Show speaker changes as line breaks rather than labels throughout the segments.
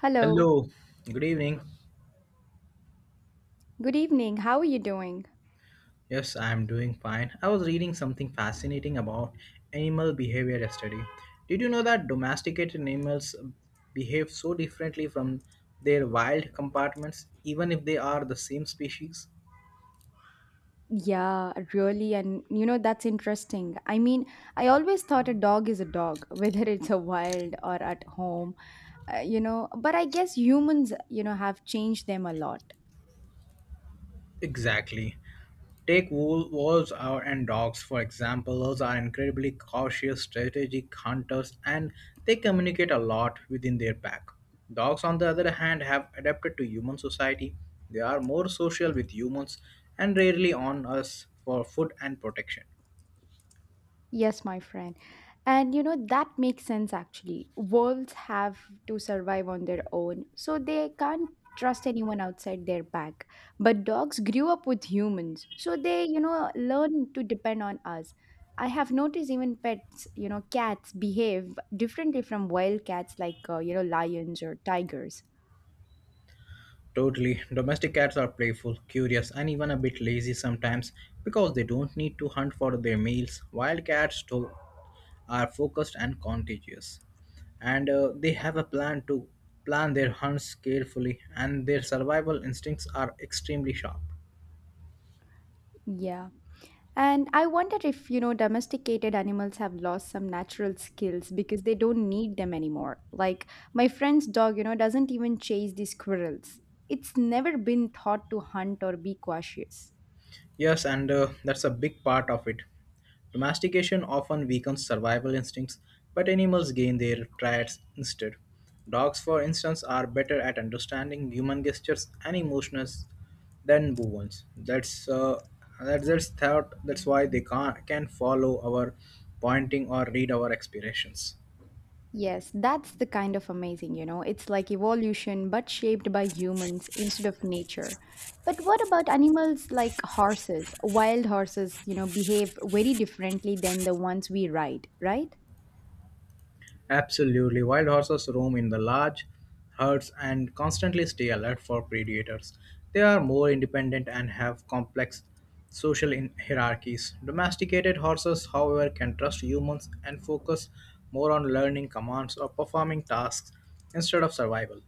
Hello.
Hello, good evening.
Good evening. How are you doing?
Yes, I'm doing fine. I was reading something fascinating about animal behavior yesterday. Did you know that domesticated animals behave so differently from their wild compartments, even if they are the same species?
Yeah, really. And you know, that's interesting. I mean, I always thought a dog is a dog, whether it's a wild or at home, you know, but I guess humans, you know, have changed them a lot.
Exactly. Take wolves and dogs, for example. Wolves are incredibly cautious, strategic hunters, and they communicate a lot within their pack. Dogs, on the other hand, have adapted to human society. They are more social with humans and rarely on us for food and protection.
Yes, my friend. And you know, that makes sense actually. Wolves have to survive on their own, so they can't trust anyone outside their pack. But dogs grew up with humans, so they, you know, learn to depend on us. I have noticed even pets, you know, cats behave differently from wild cats like, you know, lions or tigers.
Totally. Domestic cats are playful, curious, and even a bit lazy sometimes because they don't need to hunt for their meals. Wild cats do, are focused and contagious and they have a plan to plan their hunts carefully, and their survival instincts are extremely sharp.
Yeah. And I wonder if, you know, domesticated animals have lost some natural skills because they don't need them anymore. Like my friend's dog, you know, doesn't even chase the squirrels. It's never been taught to hunt or be cautious.
Yes, and that's a big part of it. Domestication often weakens survival instincts, but animals gain their traits instead. Dogs, for instance, are better at understanding human gestures and emotions than bovines. That's thought. That's why they can follow our pointing or read our expressions.
Yes, that's the kind of amazing, you know. It's like evolution, but shaped by humans instead of nature. But what about animals like horses? Wild horses, you know, behave very differently than the ones we ride, right?
Absolutely. Wild horses roam in the large herds and constantly stay alert for predators. They are more independent and have complex hierarchies. Domesticated horses, however, can trust humans and focus more on learning commands or performing tasks instead of survival.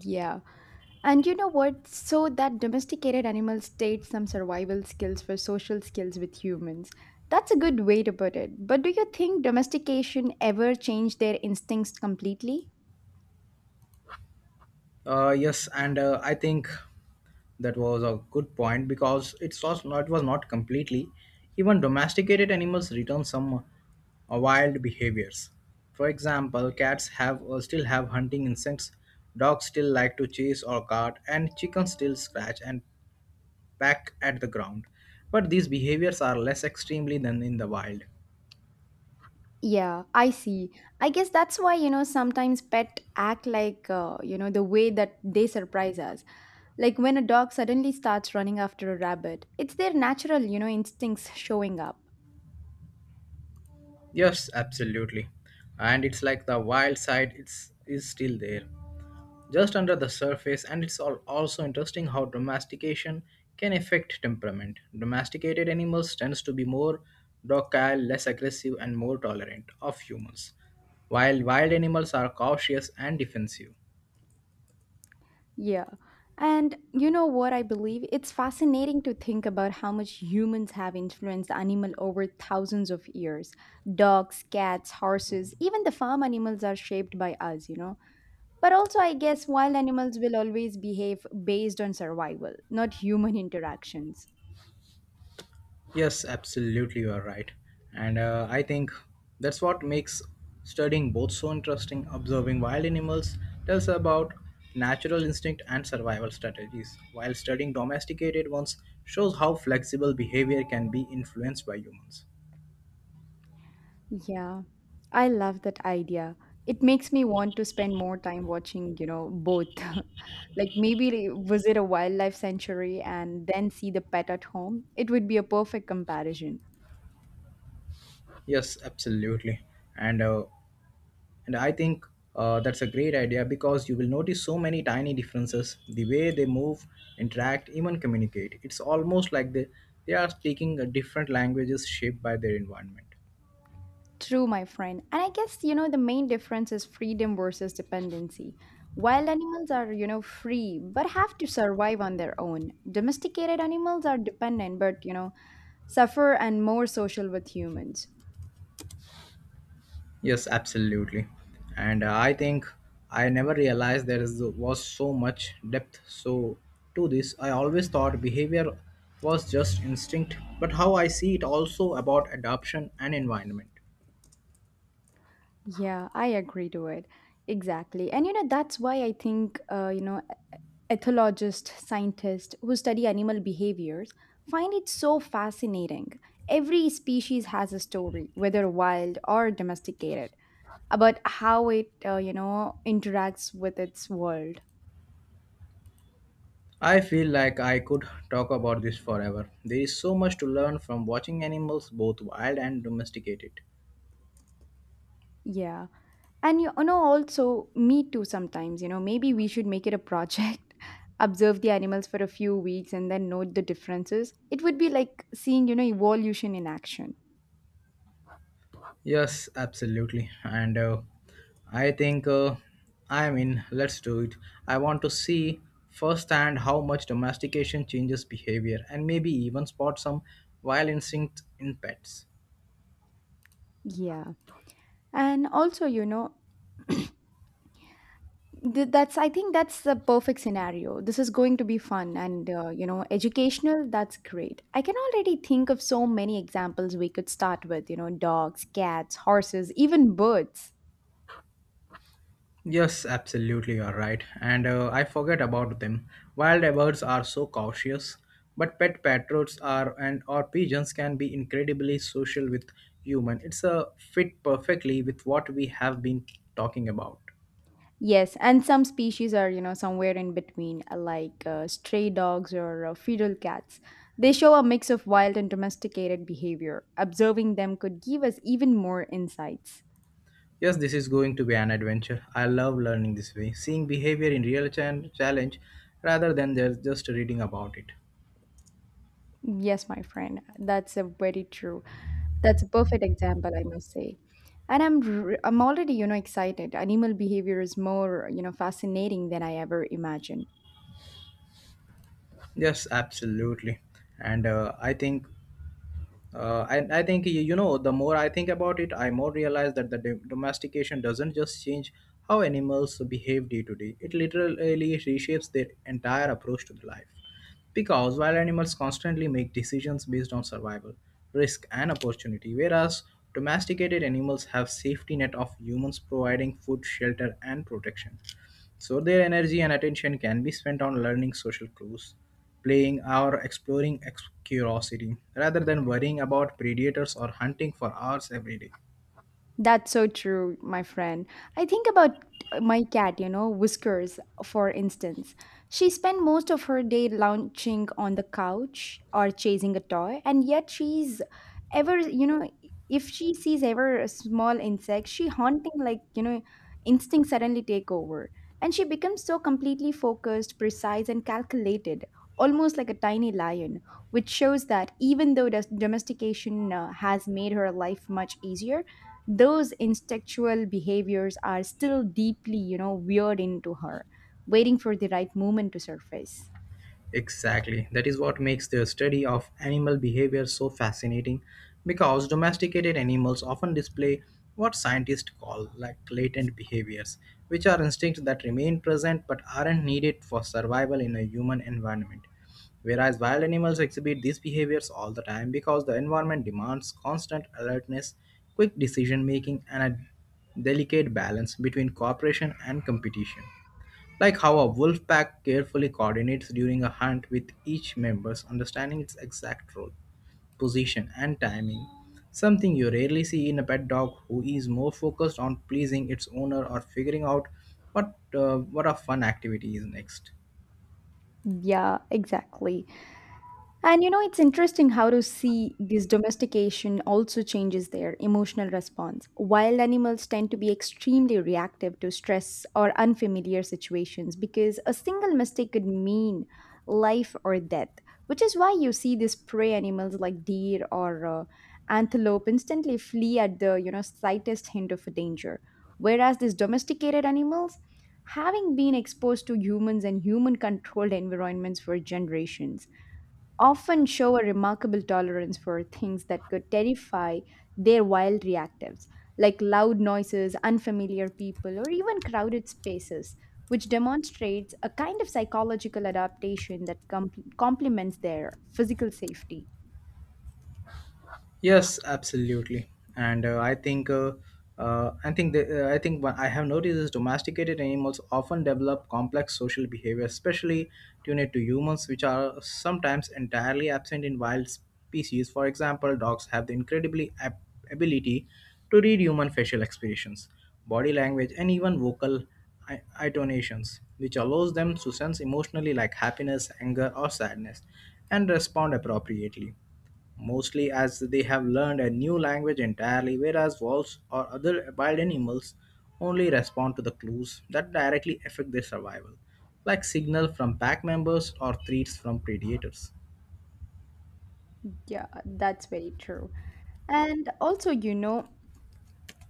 Yeah. And you know what? So that domesticated animals state some survival skills for social skills with humans. That's a good way to put it. But do you think domestication ever changed their instincts completely?
Yes, and I think that was a good point because it was not completely even domesticated animals return some wild behaviors. For example, cats have still have hunting instincts, dogs still like to chase or guard, and chickens still scratch and peck at the ground, but these behaviors are less extremely than in the wild.
Yeah, I see. I guess that's why, you know, sometimes pet act like, you know, the way that they surprise us. Like when a dog suddenly starts running after a rabbit, it's their natural, you know, instincts showing up.
Yes, absolutely. And it's like the wild side, it's is still there, just under the surface, and it's also interesting how domestication can affect temperament. Domesticated animals tends to be more docile, less aggressive, and more tolerant of humans, while wild animals are cautious and defensive.
Yeah. And you know what I believe? It's fascinating to think about how much humans have influenced animal over thousands of years. Dogs, cats, horses, even the farm animals are shaped by us, you know. But also I guess wild animals will always behave based on survival, not human interactions.
Yes, absolutely, you are right. And I think that's what makes studying both so interesting. Observing wild animals tells about natural instinct and survival strategies, while studying domesticated ones shows how flexible behavior can be influenced by humans.
Yeah, I love that idea. It makes me want to spend more time watching, you know, both. Like maybe visit a wildlife sanctuary and then see the pet at home. It would be a perfect comparison.
Yes, absolutely. And uh, And I think that's a great idea because you will notice so many tiny differences, the way they move, interact, even communicate. It's almost like they are speaking a different languages shaped by their environment.
True, my friend. And I guess, you know, the main difference is freedom versus dependency. Wild animals are, you know, free but have to survive on their own. Domesticated animals are dependent but, you know, suffer and more social with humans.
Yes, absolutely. And I think I never realized was so much depth. So, to this, I always thought behavior was just instinct, but how I see it also about adoption and environment.
Yeah, I agree to it. Exactly. And you know, that's why I think, you know, ethologists, scientists who study animal behaviors find it so fascinating. Every species has a story, whether wild or domesticated, about how it, you know, interacts with its world.
I feel like I could talk about this forever. There is so much to learn from watching animals, both wild and domesticated.
Yeah. And you know, also, me too sometimes, you know, maybe we should make it a project, observe the animals for a few weeks and then note the differences. It would be like seeing, you know, evolution in action.
Yes, absolutely. And I think I mean, let's do it. I want to see firsthand how much domestication changes behavior and maybe even spot some wild instinct in pets.
Yeah. And also, you know, that's, I think that's the perfect scenario. This is going to be fun and, you know, educational. That's great. I can already think of so many examples we could start with, you know, dogs, cats, horses, even birds.
Yes, absolutely, you're right. And I forget about them. Wild birds are so cautious, but pet parrots are and or pigeons can be incredibly social with human. It's a fit perfectly with what we have been talking about.
Yes, and some species are, you know, somewhere in between, like stray dogs or feral cats. They show a mix of wild and domesticated behavior. Observing them could give us even more insights.
Yes, this is going to be an adventure. I love learning this way, seeing behavior in real challenge rather than just reading about it.
Yes, my friend, that's a very true. That's a perfect example, I must say. And I'm already, you know, excited. Animal behavior is more, you know, fascinating than I ever imagined.
Yes, absolutely. And I think and I think you know, the more I think about it, I more realize that the domestication doesn't just change how animals behave day to day. It literally reshapes their entire approach to the life. Because while animals constantly make decisions based on survival, risk, and opportunity, whereas domesticated animals have safety net of humans providing food, shelter, and protection. So their energy and attention can be spent on learning social clues, playing, or exploring curiosity, rather than worrying about predators or hunting for hours every day.
That's so true, my friend. I think about my cat, you know, Whiskers, for instance. She spent most of her day lounging on the couch or chasing a toy, and yet she's ever, you know, if she sees ever a small insect, she haunting like, you know, instinct suddenly take over. And she becomes so completely focused, precise, and calculated, almost like a tiny lion, which shows that even though domestication has made her life much easier, those instinctual behaviors are still deeply, you know, weird into her, waiting for the right moment to surface.
Exactly. That is what makes the study of animal behavior so fascinating, because domesticated animals often display what scientists call like latent behaviors, which are instincts that remain present but aren't needed for survival in a human environment. Whereas wild animals exhibit these behaviors all the time because the environment demands constant alertness, quick decision making, and a delicate balance between cooperation and competition, like how a wolf pack carefully coordinates during a hunt with each member's understanding its exact role, position, and timing. Something you rarely see in a pet dog who is more focused on pleasing its owner or figuring out what a fun activity is next.
Yeah, exactly. And you know, it's interesting how to see this domestication also changes their emotional response. Wild animals tend to be extremely reactive to stress or unfamiliar situations because a single mistake could mean life or death, which is why you see these prey animals like deer or antelope instantly flee at the, you know, slightest hint of a danger. Whereas these domesticated animals, having been exposed to humans and human controlled environments for generations, often show a remarkable tolerance for things that could terrify their wild reactives, like loud noises, unfamiliar people, or even crowded spaces, which demonstrates a kind of psychological adaptation that complements their physical safety.
Yes, absolutely. And I think I think I think what I have noticed is domesticated animals often develop complex social behavior, especially tuned to humans, which are sometimes entirely absent in wild species. For example, dogs have the incredibly ability to read human facial expressions, body language, and even vocal intonations, which allows them to sense emotionally like happiness, anger, or sadness, and respond appropriately, mostly as they have learned a new language entirely. Whereas wolves or other wild animals only respond to the clues that directly affect their survival, like signal from pack members or threats from predators.
Yeah, that's very true. And also, you know,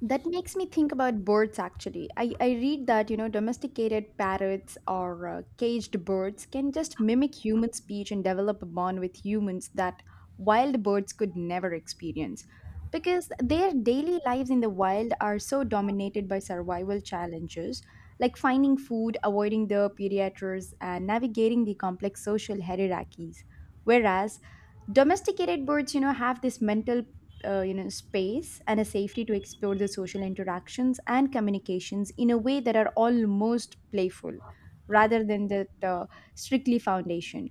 that makes me think about birds actually. I read that, you know, domesticated parrots or caged birds can just mimic human speech and develop a bond with humans that wild birds could never experience. Because their daily lives in the wild are so dominated by survival challenges like finding food, avoiding the predators, and navigating the complex social hierarchies. Whereas domesticated birds, you know, have this mental, you know, space and a safety to explore the social interactions and communications in a way that are almost playful rather than that strictly foundation,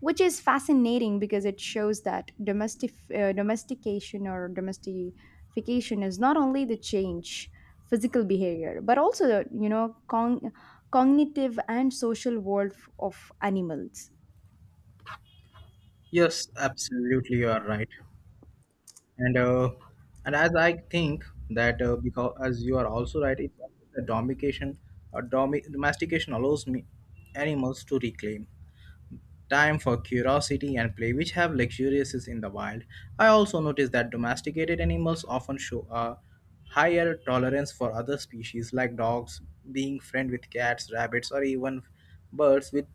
which is fascinating because it shows that domestication is not only the change physical behavior but also the, you know, cognitive and social world of animals.
Yes, absolutely, you are right, and uh, and as I think that because as you are also right, it's the domestication, a domestication allows me animals to reclaim time for curiosity and play, which have luxuriances in the wild. I also noticed that domesticated animals often show a higher tolerance for other species, like dogs being friend with cats, rabbits, or even birds,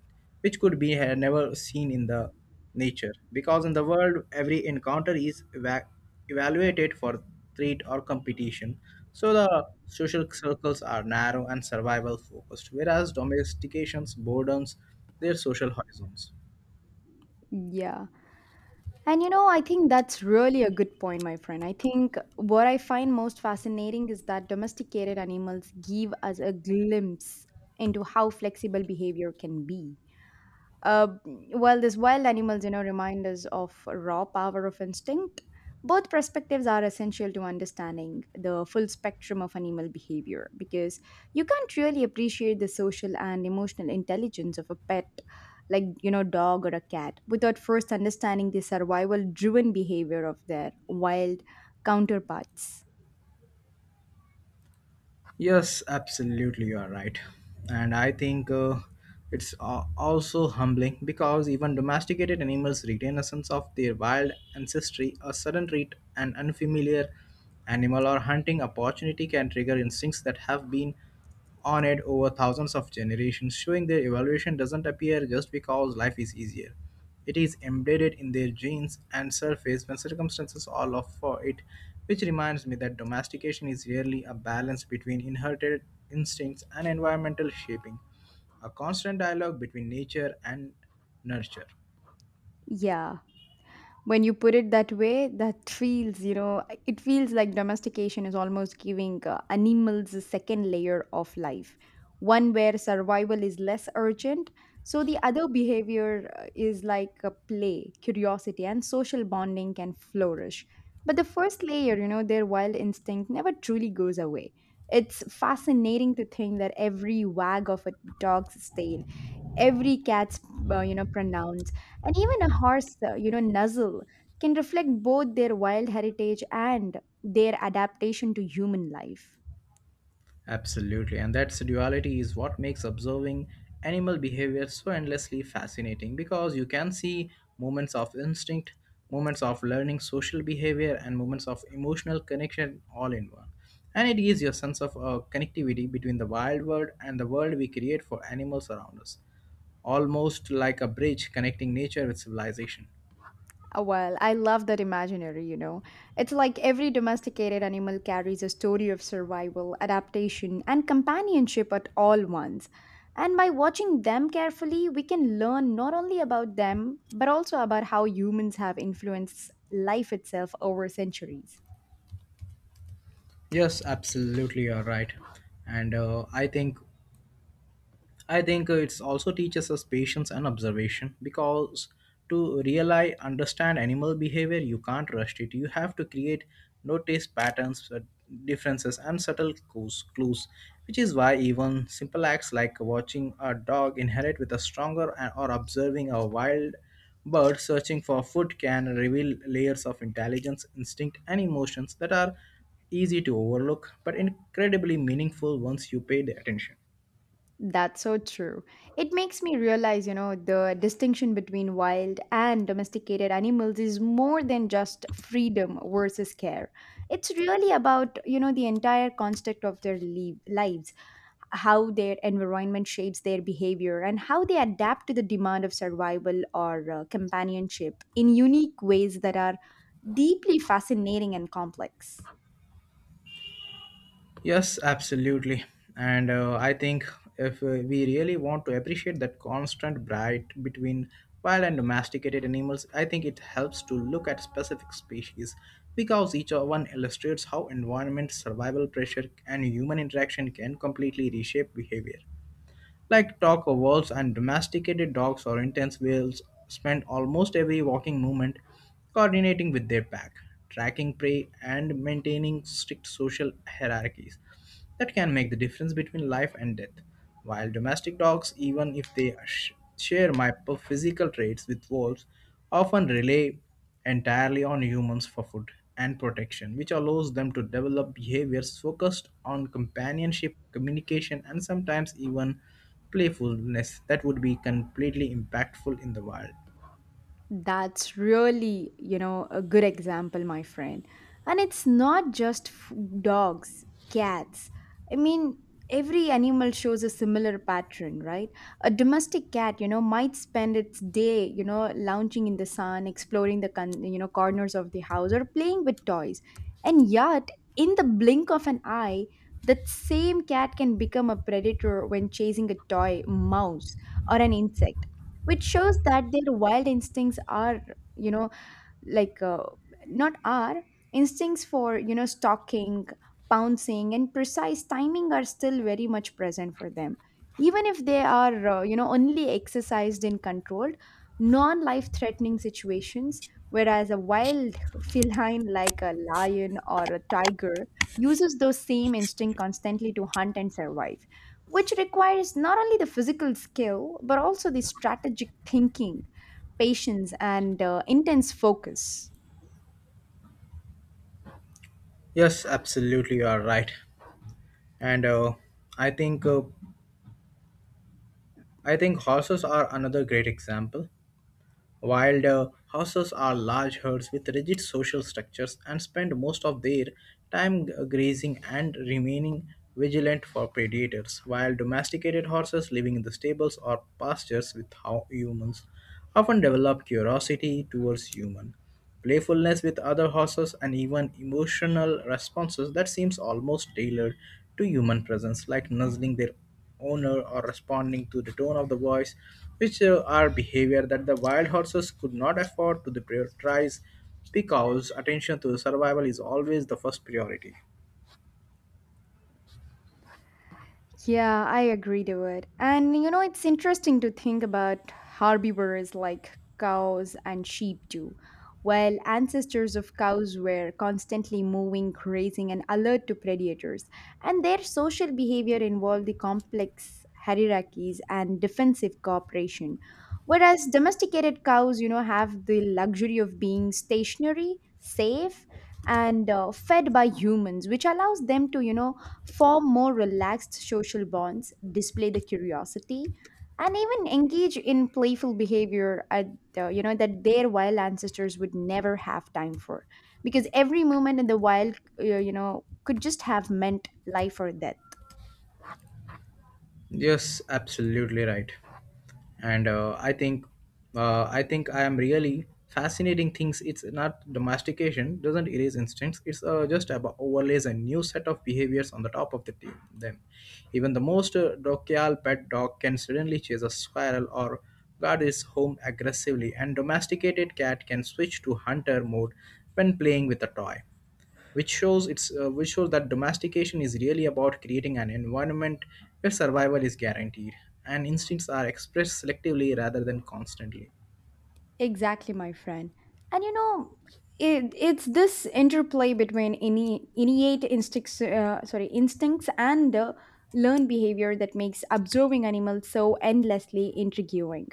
which could be never seen in the nature. Because in the world, every encounter is evaluated for threat or competition. So the social circles are narrow and survival focused, whereas domestications broadens their social horizons.
Yeah. And you know, I think that's really a good point, my friend. I think what I find most fascinating is that domesticated animals give us a glimpse into how flexible behavior can be, uh, well, these wild animals, you know, remind us of raw power of instinct. Both perspectives are essential to understanding the full spectrum of animal behavior because you can't really appreciate the social and emotional intelligence of a pet, like, you know, dog or a cat, without first understanding the survival driven behavior of their wild counterparts.
Yes, absolutely, you are right. And I think it's also humbling because even domesticated animals retain a sense of their wild ancestry. A sudden treat, an unfamiliar animal, or hunting opportunity can trigger instincts that have been on it over thousands of generations, showing their evolution doesn't appear just because life is easier. It is embedded in their genes and surface when circumstances allow for it, which reminds me that domestication is really a balance between inherited instincts and environmental shaping, a constant dialogue between nature and nurture.
Yeah. When you put it that way, that feels, you know, it feels like domestication is almost giving, animals a second layer of life, one where survival is less urgent, so the other behavior, is like a play, curiosity, and social bonding can flourish. But the first layer, you know, their wild instinct never truly goes away. It's fascinating to think that every wag of a dog's tail, every cat's, you know, pronounce, and even a horse, you know, nuzzle, can reflect both their wild heritage and their adaptation to human life.
Absolutely, and that duality is what makes observing animal behavior so endlessly fascinating, because you can see moments of instinct, moments of learning social behavior, and moments of emotional connection all in one. And it gives you a sense of connectivity between the wild world and the world we create for animals around us, almost like a bridge connecting nature with civilization.
Well I love that imaginary, you know. It's like every domesticated animal carries a story of survival, adaptation, and companionship at all once. And by watching them carefully, we can learn not only about them, but also about how humans have influenced life itself over centuries.
Yes, absolutely, you're right. And I think it also teaches us patience and observation, because to really understand animal behavior, you can't rush it. You have to create notice patterns, differences, and subtle clues, which is why even simple acts like watching a dog inherit with a stronger or observing a wild bird searching for food can reveal layers of intelligence, instinct, and emotions that are easy to overlook but incredibly meaningful once you pay the attention.
That's so true. It makes me realize, you know, the distinction between wild and domesticated animals is more than just freedom versus care. It's really about, you know, the entire construct of their lives, how their environment shapes their behavior, and how they adapt to the demand of survival or companionship in unique ways that are deeply fascinating and complex.
Yes, absolutely. And I think if we really want to appreciate that constant bright between wild and domesticated animals, I think it helps to look at specific species because each one illustrates how environment, survival pressure, and human interaction can completely reshape behavior. Like dog wolves and domesticated dogs or intense whales spend almost every walking movement coordinating with their pack, tracking prey, and maintaining strict social hierarchies that can make the difference between life and death. While domestic dogs, even if they share my physical traits with wolves, often rely entirely on humans for food and protection, which allows them to develop behaviors focused on companionship, communication, and sometimes even playfulness that would be completely impactful in the wild.
That's really, you know, a good example, my friend. And it's not just dogs, cats. I mean, every animal shows a similar pattern, right? A domestic cat, you know, might spend its day, you know, lounging in the sun, exploring the, you know, corners of the house or playing with toys. And yet, in the blink of an eye, that same cat can become a predator when chasing a toy, mouse, or an insect, which shows that their wild instincts are, you know, like, not our instincts for, you know, stalking, pouncing, and precise timing, are still very much present for them, even if they are, you know, only exercised in controlled, non life threatening situations. Whereas a wild feline like a lion or a tiger uses those same instinct constantly to hunt and survive, which requires not only the physical skill but also the strategic thinking, patience, and intense focus.
Yes, absolutely, you are right. And I think uh, I think horses are another great example. Wild horses are large herds with rigid social structures and spend most of their time grazing and remaining vigilant for predators, while domesticated horses living in the stables or pastures with humans often develop curiosity towards humans, playfulness with other horses, and even emotional responses that seems almost tailored to human presence, like nuzzling their owner or responding to the tone of the voice, which are behavior that the wild horses could not afford to prioritize because attention to survival is always the first priority.
Yeah, I agree to it. And you know, it's interesting to think about herbivores like cows and sheep too. While ancestors of cows were constantly moving, grazing, and alert to predators, and their social behavior involved the complex hierarchies and defensive cooperation. Whereas domesticated cows, you know, have the luxury of being stationary, safe, and fed by humans, which allows them to, you know, form more relaxed social bonds, display the curiosity, and even engage in playful behavior at, you know, that their wild ancestors would never have time for, because every moment in the wild, you know, could just have meant life or death.
Yes, absolutely right. and I think I am really fascinating things. It's not domestication doesn't erase instincts. It's just about overlays a new set of behaviors on the top of the team them. Even the most docile pet dog can suddenly chase a squirrel or guard his home aggressively, and domesticated cat can switch to hunter mode when playing with a toy, which shows that domestication is really about creating an environment where survival is guaranteed and instincts are expressed selectively rather than constantly.
Exactly, my friend. And you know, it's this interplay between ini innate instincts, instincts and the learned behavior that makes observing animals so endlessly intriguing.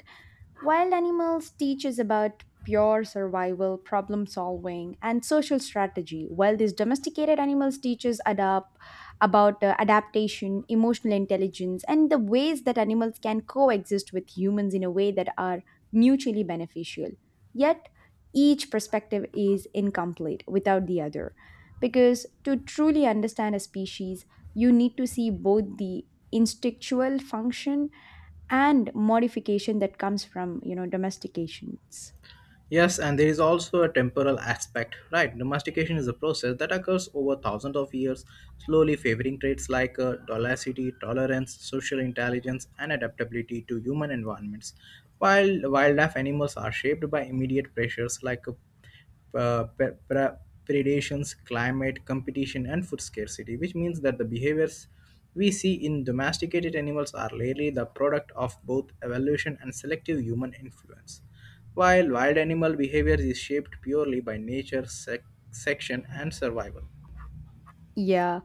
Wild animals teaches about pure survival, problem solving, and social strategy, while these domesticated animals teaches adapt about adaptation, emotional intelligence, and the ways that animals can coexist with humans in a way that are mutually beneficial. Yet, each perspective is incomplete without the other. Because to truly understand a species, you need to see both the instinctual function and modification that comes from domestications.
Yes, and there is also a temporal aspect, right? Domestication is a process that occurs over thousands of years, slowly favoring traits like docility, tolerance, social intelligence, and adaptability to human environments, while wildlife animals are shaped by immediate pressures like uh, pre- pre- predations, climate, competition, and food scarcity, which means that the behaviors we see in domesticated animals are rarely the product of both evolution and selective human influence. While wild animal behavior is shaped purely by nature, section, and survival.
Yeah.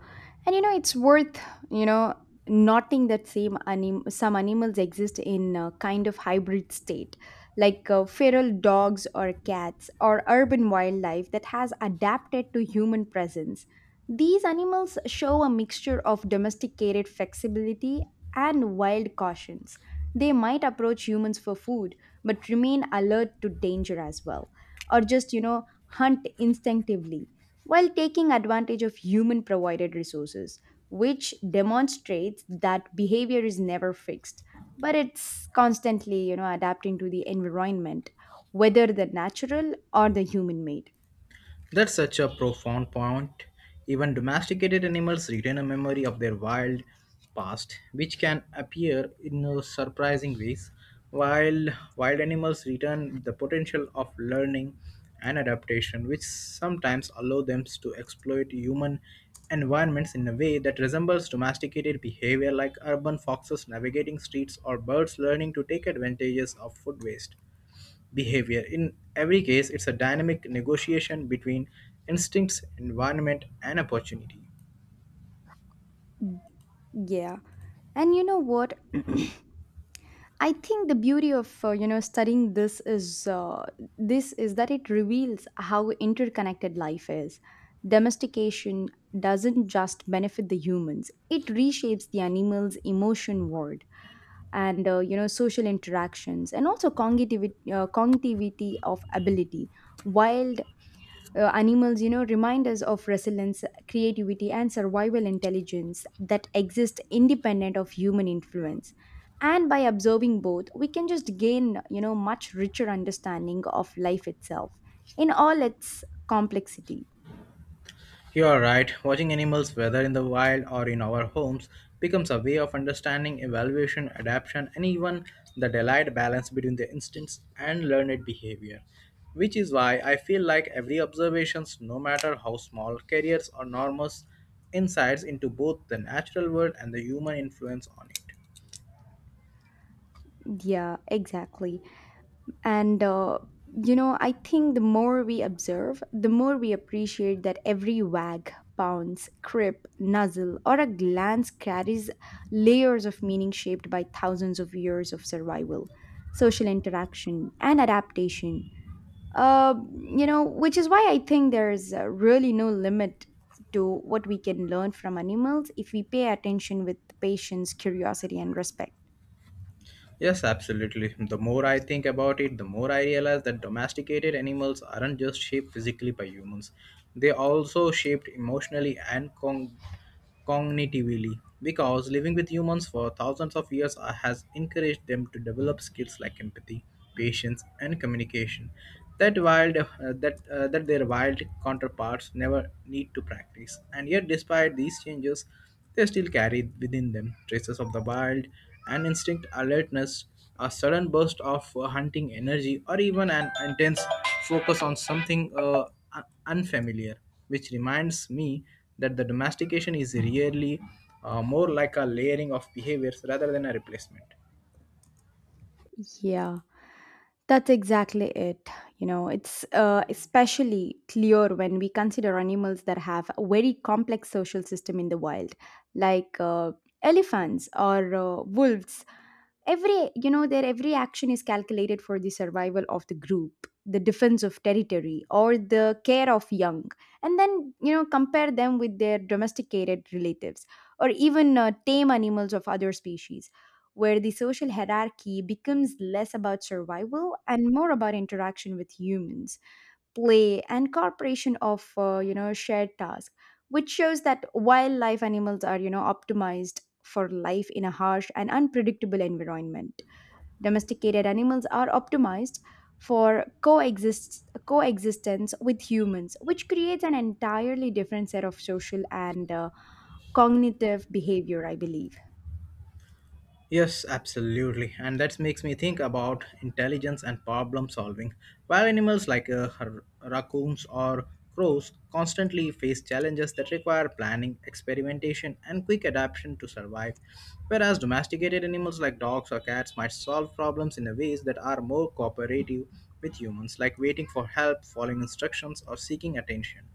And you know, you know, noting that some animals exist in a kind of hybrid state, like feral dogs or cats or urban wildlife that has adapted to human presence. These animals show a mixture of domesticated flexibility and wild cautions. They might approach humans for food, but remain alert to danger as well, or just, hunt instinctively while taking advantage of human provided resources, which demonstrates that behavior is never fixed, but it's constantly, adapting to the environment, whether the natural or the human made.
That's such a profound point. Even domesticated animals retain a memory of their wild past, which can appear in surprising ways, while wild animals retain the potential of learning and adaptation, which sometimes allow them to exploit human environments in a way that resembles domesticated behavior, like urban foxes navigating streets or birds learning to take advantages of food waste behavior. In every case, it's a dynamic negotiation between instincts, environment, and opportunity.
Yeah. And you know what? I think the beauty of studying this is that it reveals how interconnected life is. Domestication doesn't just benefit the humans; it reshapes the animals' emotion world and, social interactions and also cognitivity, cognitivity of ability. Wild animals, remind us of resilience, creativity, and survival intelligence that exist independent of human influence, and by observing both we can just gain, much richer understanding of life itself in all its complexity.
You are right, watching animals, whether in the wild or in our homes, becomes a way of understanding evaluation, adaptation, and even the delayed balance between the instincts and learned behavior. Which is why I feel like every observations, no matter how small, carries enormous insights into both the natural world and the human influence on it.
Yeah, exactly. And, uh, I think the more we observe, the more we appreciate that every wag, pounce, crip, nuzzle, or a glance carries layers of meaning shaped by thousands of years of survival, social interaction, and adaptation. Uh, which is why I think there's really no limit to what we can learn from animals if we pay attention with patience, curiosity, and respect.
Yes, absolutely. The more I think about it, the more I realize that domesticated animals aren't just shaped physically by humans, they also shaped emotionally and cognitively, because living with humans for thousands of years has encouraged them to develop skills like empathy, patience, and communication that wild that that their wild counterparts never need to practice. And yet, despite these changes, they still carry within them traces of the wild, an instinct alertness, a sudden burst of hunting energy, or even an intense focus on something unfamiliar, which reminds me that the domestication is really more like a layering of behaviors rather than a replacement.
Yeah. That's exactly it. You know, it's especially clear when we consider animals that have a very complex social system in the wild, like elephants or wolves. Every you know Their every action is calculated for the survival of the group, the defense of territory, or the care of young. And then, compare them with their domesticated relatives or even tame animals of other species, where the social hierarchy becomes less about survival and more about interaction with humans, play, and cooperation of, shared tasks, which shows that wildlife animals are, optimized for life in a harsh and unpredictable environment. Domesticated animals are optimized for coexistence with humans, which creates an entirely different set of social and, cognitive behavior, I believe.
Yes, absolutely. And that makes me think about intelligence and problem solving. While animals like raccoons or crows constantly face challenges that require planning, experimentation, and quick adaptation to survive, whereas domesticated animals like dogs or cats might solve problems in a ways that are more cooperative with humans, like waiting for help, following instructions, or seeking attention,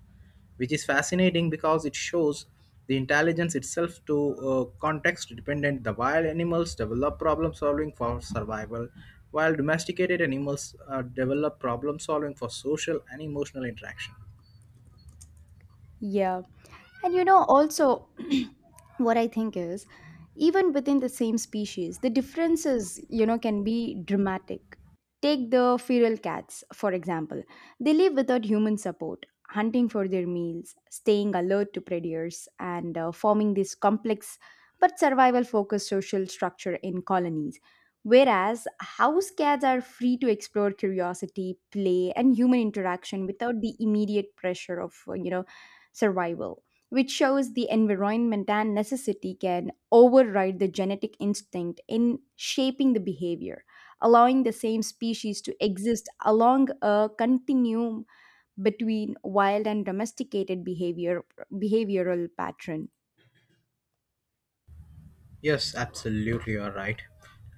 which is fascinating because it shows the intelligence itself to context dependent. The wild animals develop problem solving for survival, while domesticated animals develop problem solving for social and emotional interaction.
Yeah. And you know, also, what I think is, even within the same species, the differences, you know, can be dramatic. Take the feral cats, for example. They live without human support, hunting for their meals, staying alert to predators, and forming this complex but survival focused social structure in colonies. Whereas house cats are free to explore curiosity, play, and human interaction without the immediate pressure of, survival, which shows the environment and necessity can override the genetic instinct in shaping the behavior, allowing the same species to exist along a continuum between wild and domesticated behavior, behavioral patterns.
Yes, absolutely, you're right.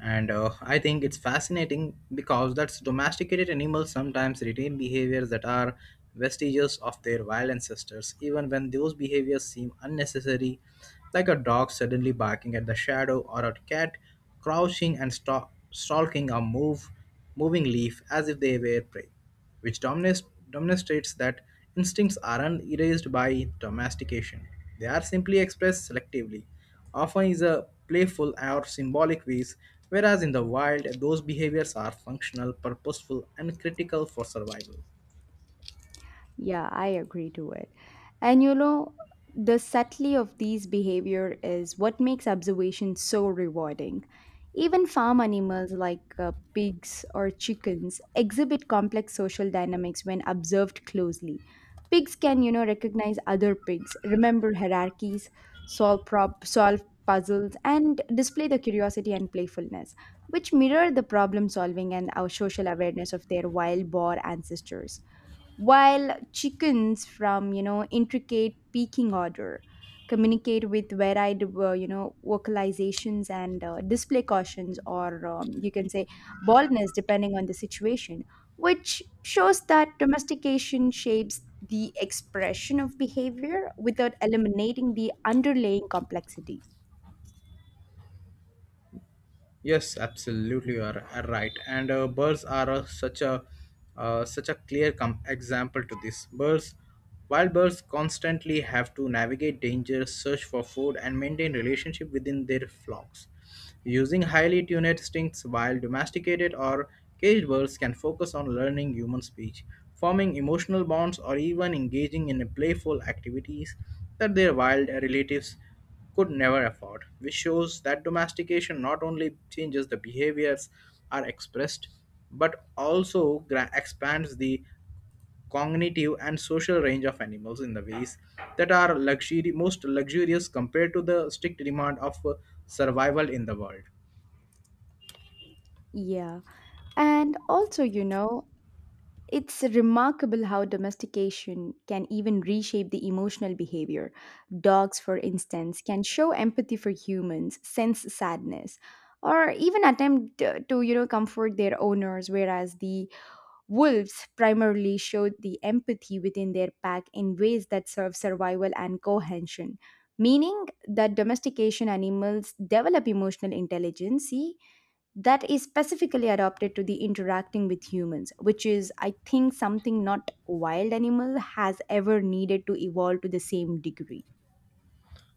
And I think it's fascinating because that's domesticated animals sometimes retain behaviors that are vestiges of their wild ancestors, even when those behaviors seem unnecessary, like a dog suddenly barking at the shadow or a cat crouching and stalking a move, moving leaf as if they were prey, which dominates, demonstrates that instincts aren't erased by domestication. They are simply expressed selectively, often in a playful or symbolic ways, whereas in the wild, those behaviors are functional, purposeful, and critical for survival.
Yeah, I agree to it. And you know, the subtlety of these behavior is what makes observation so rewarding. Even farm animals like pigs or chickens exhibit complex social dynamics when observed closely. Pigs can, you know, recognize other pigs, remember hierarchies, solve puzzles, and display the curiosity and playfulness, which mirror the problem solving and our social awareness of their wild boar ancestors, while chickens from, intricate pecking order, communicate with varied, vocalizations and display cautions or you can say baldness depending on the situation, which shows that domestication shapes the expression of behavior without eliminating the underlying complexity.
Yes, absolutely, you are right. And birds are such a such a example to this. Birds, wild birds, constantly have to navigate danger, search for food, and maintain relationship within their flocks. Using highly tuned instincts. While domesticated or caged birds can focus on learning human speech, forming emotional bonds, or even engaging in playful activities that their wild relatives could never afford, which shows that domestication not only changes the behaviors are expressed but also expands the cognitive and social range of animals in the ways that are luxury most luxurious compared to the strict demand of survival in the world.
Yeah, and also, you know, it's remarkable how domestication can even reshape the emotional behavior. Dogs, for instance, can show empathy for humans, sense sadness, or even attempt to, comfort their owners, whereas the wolves primarily showed the empathy within their pack in ways that serve survival and cohesion. Meaning that domestication animals develop emotional intelligence that is specifically adapted to the interacting with humans, which is I think something not wild animal has ever needed to evolve to the same degree.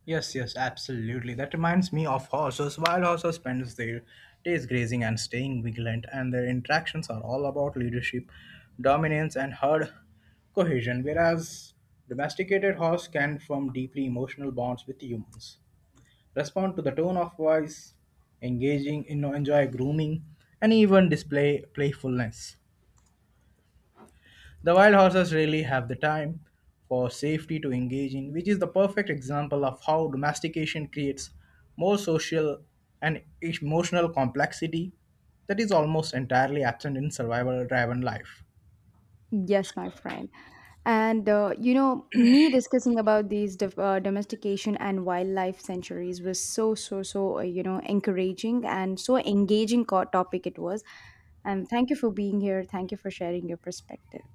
Yes, yes, absolutely. That reminds me of horses. Wild horses spend their days grazing and staying vigilant, and their interactions are all about leadership, dominance, and herd cohesion, whereas domesticated horse can form deeply emotional bonds with humans, respond to the tone of voice, engaging, you know, enjoy grooming, and even display playfulness. The wild horses rarely have the time for safety to engage in, which is the perfect example of how domestication creates more social and emotional complexity that is almost entirely absent in survival driven life.
Yes, my friend. And, me discussing about these domestication and wildlife centuries was so encouraging and so engaging topic it was. And thank you for being here, thank you for sharing your perspective.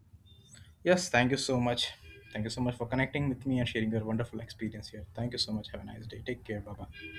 Yes, thank you so much. Thank you so much for connecting with me and sharing your wonderful experience here. Thank you so much. Have a nice day. Take care. Bye bye.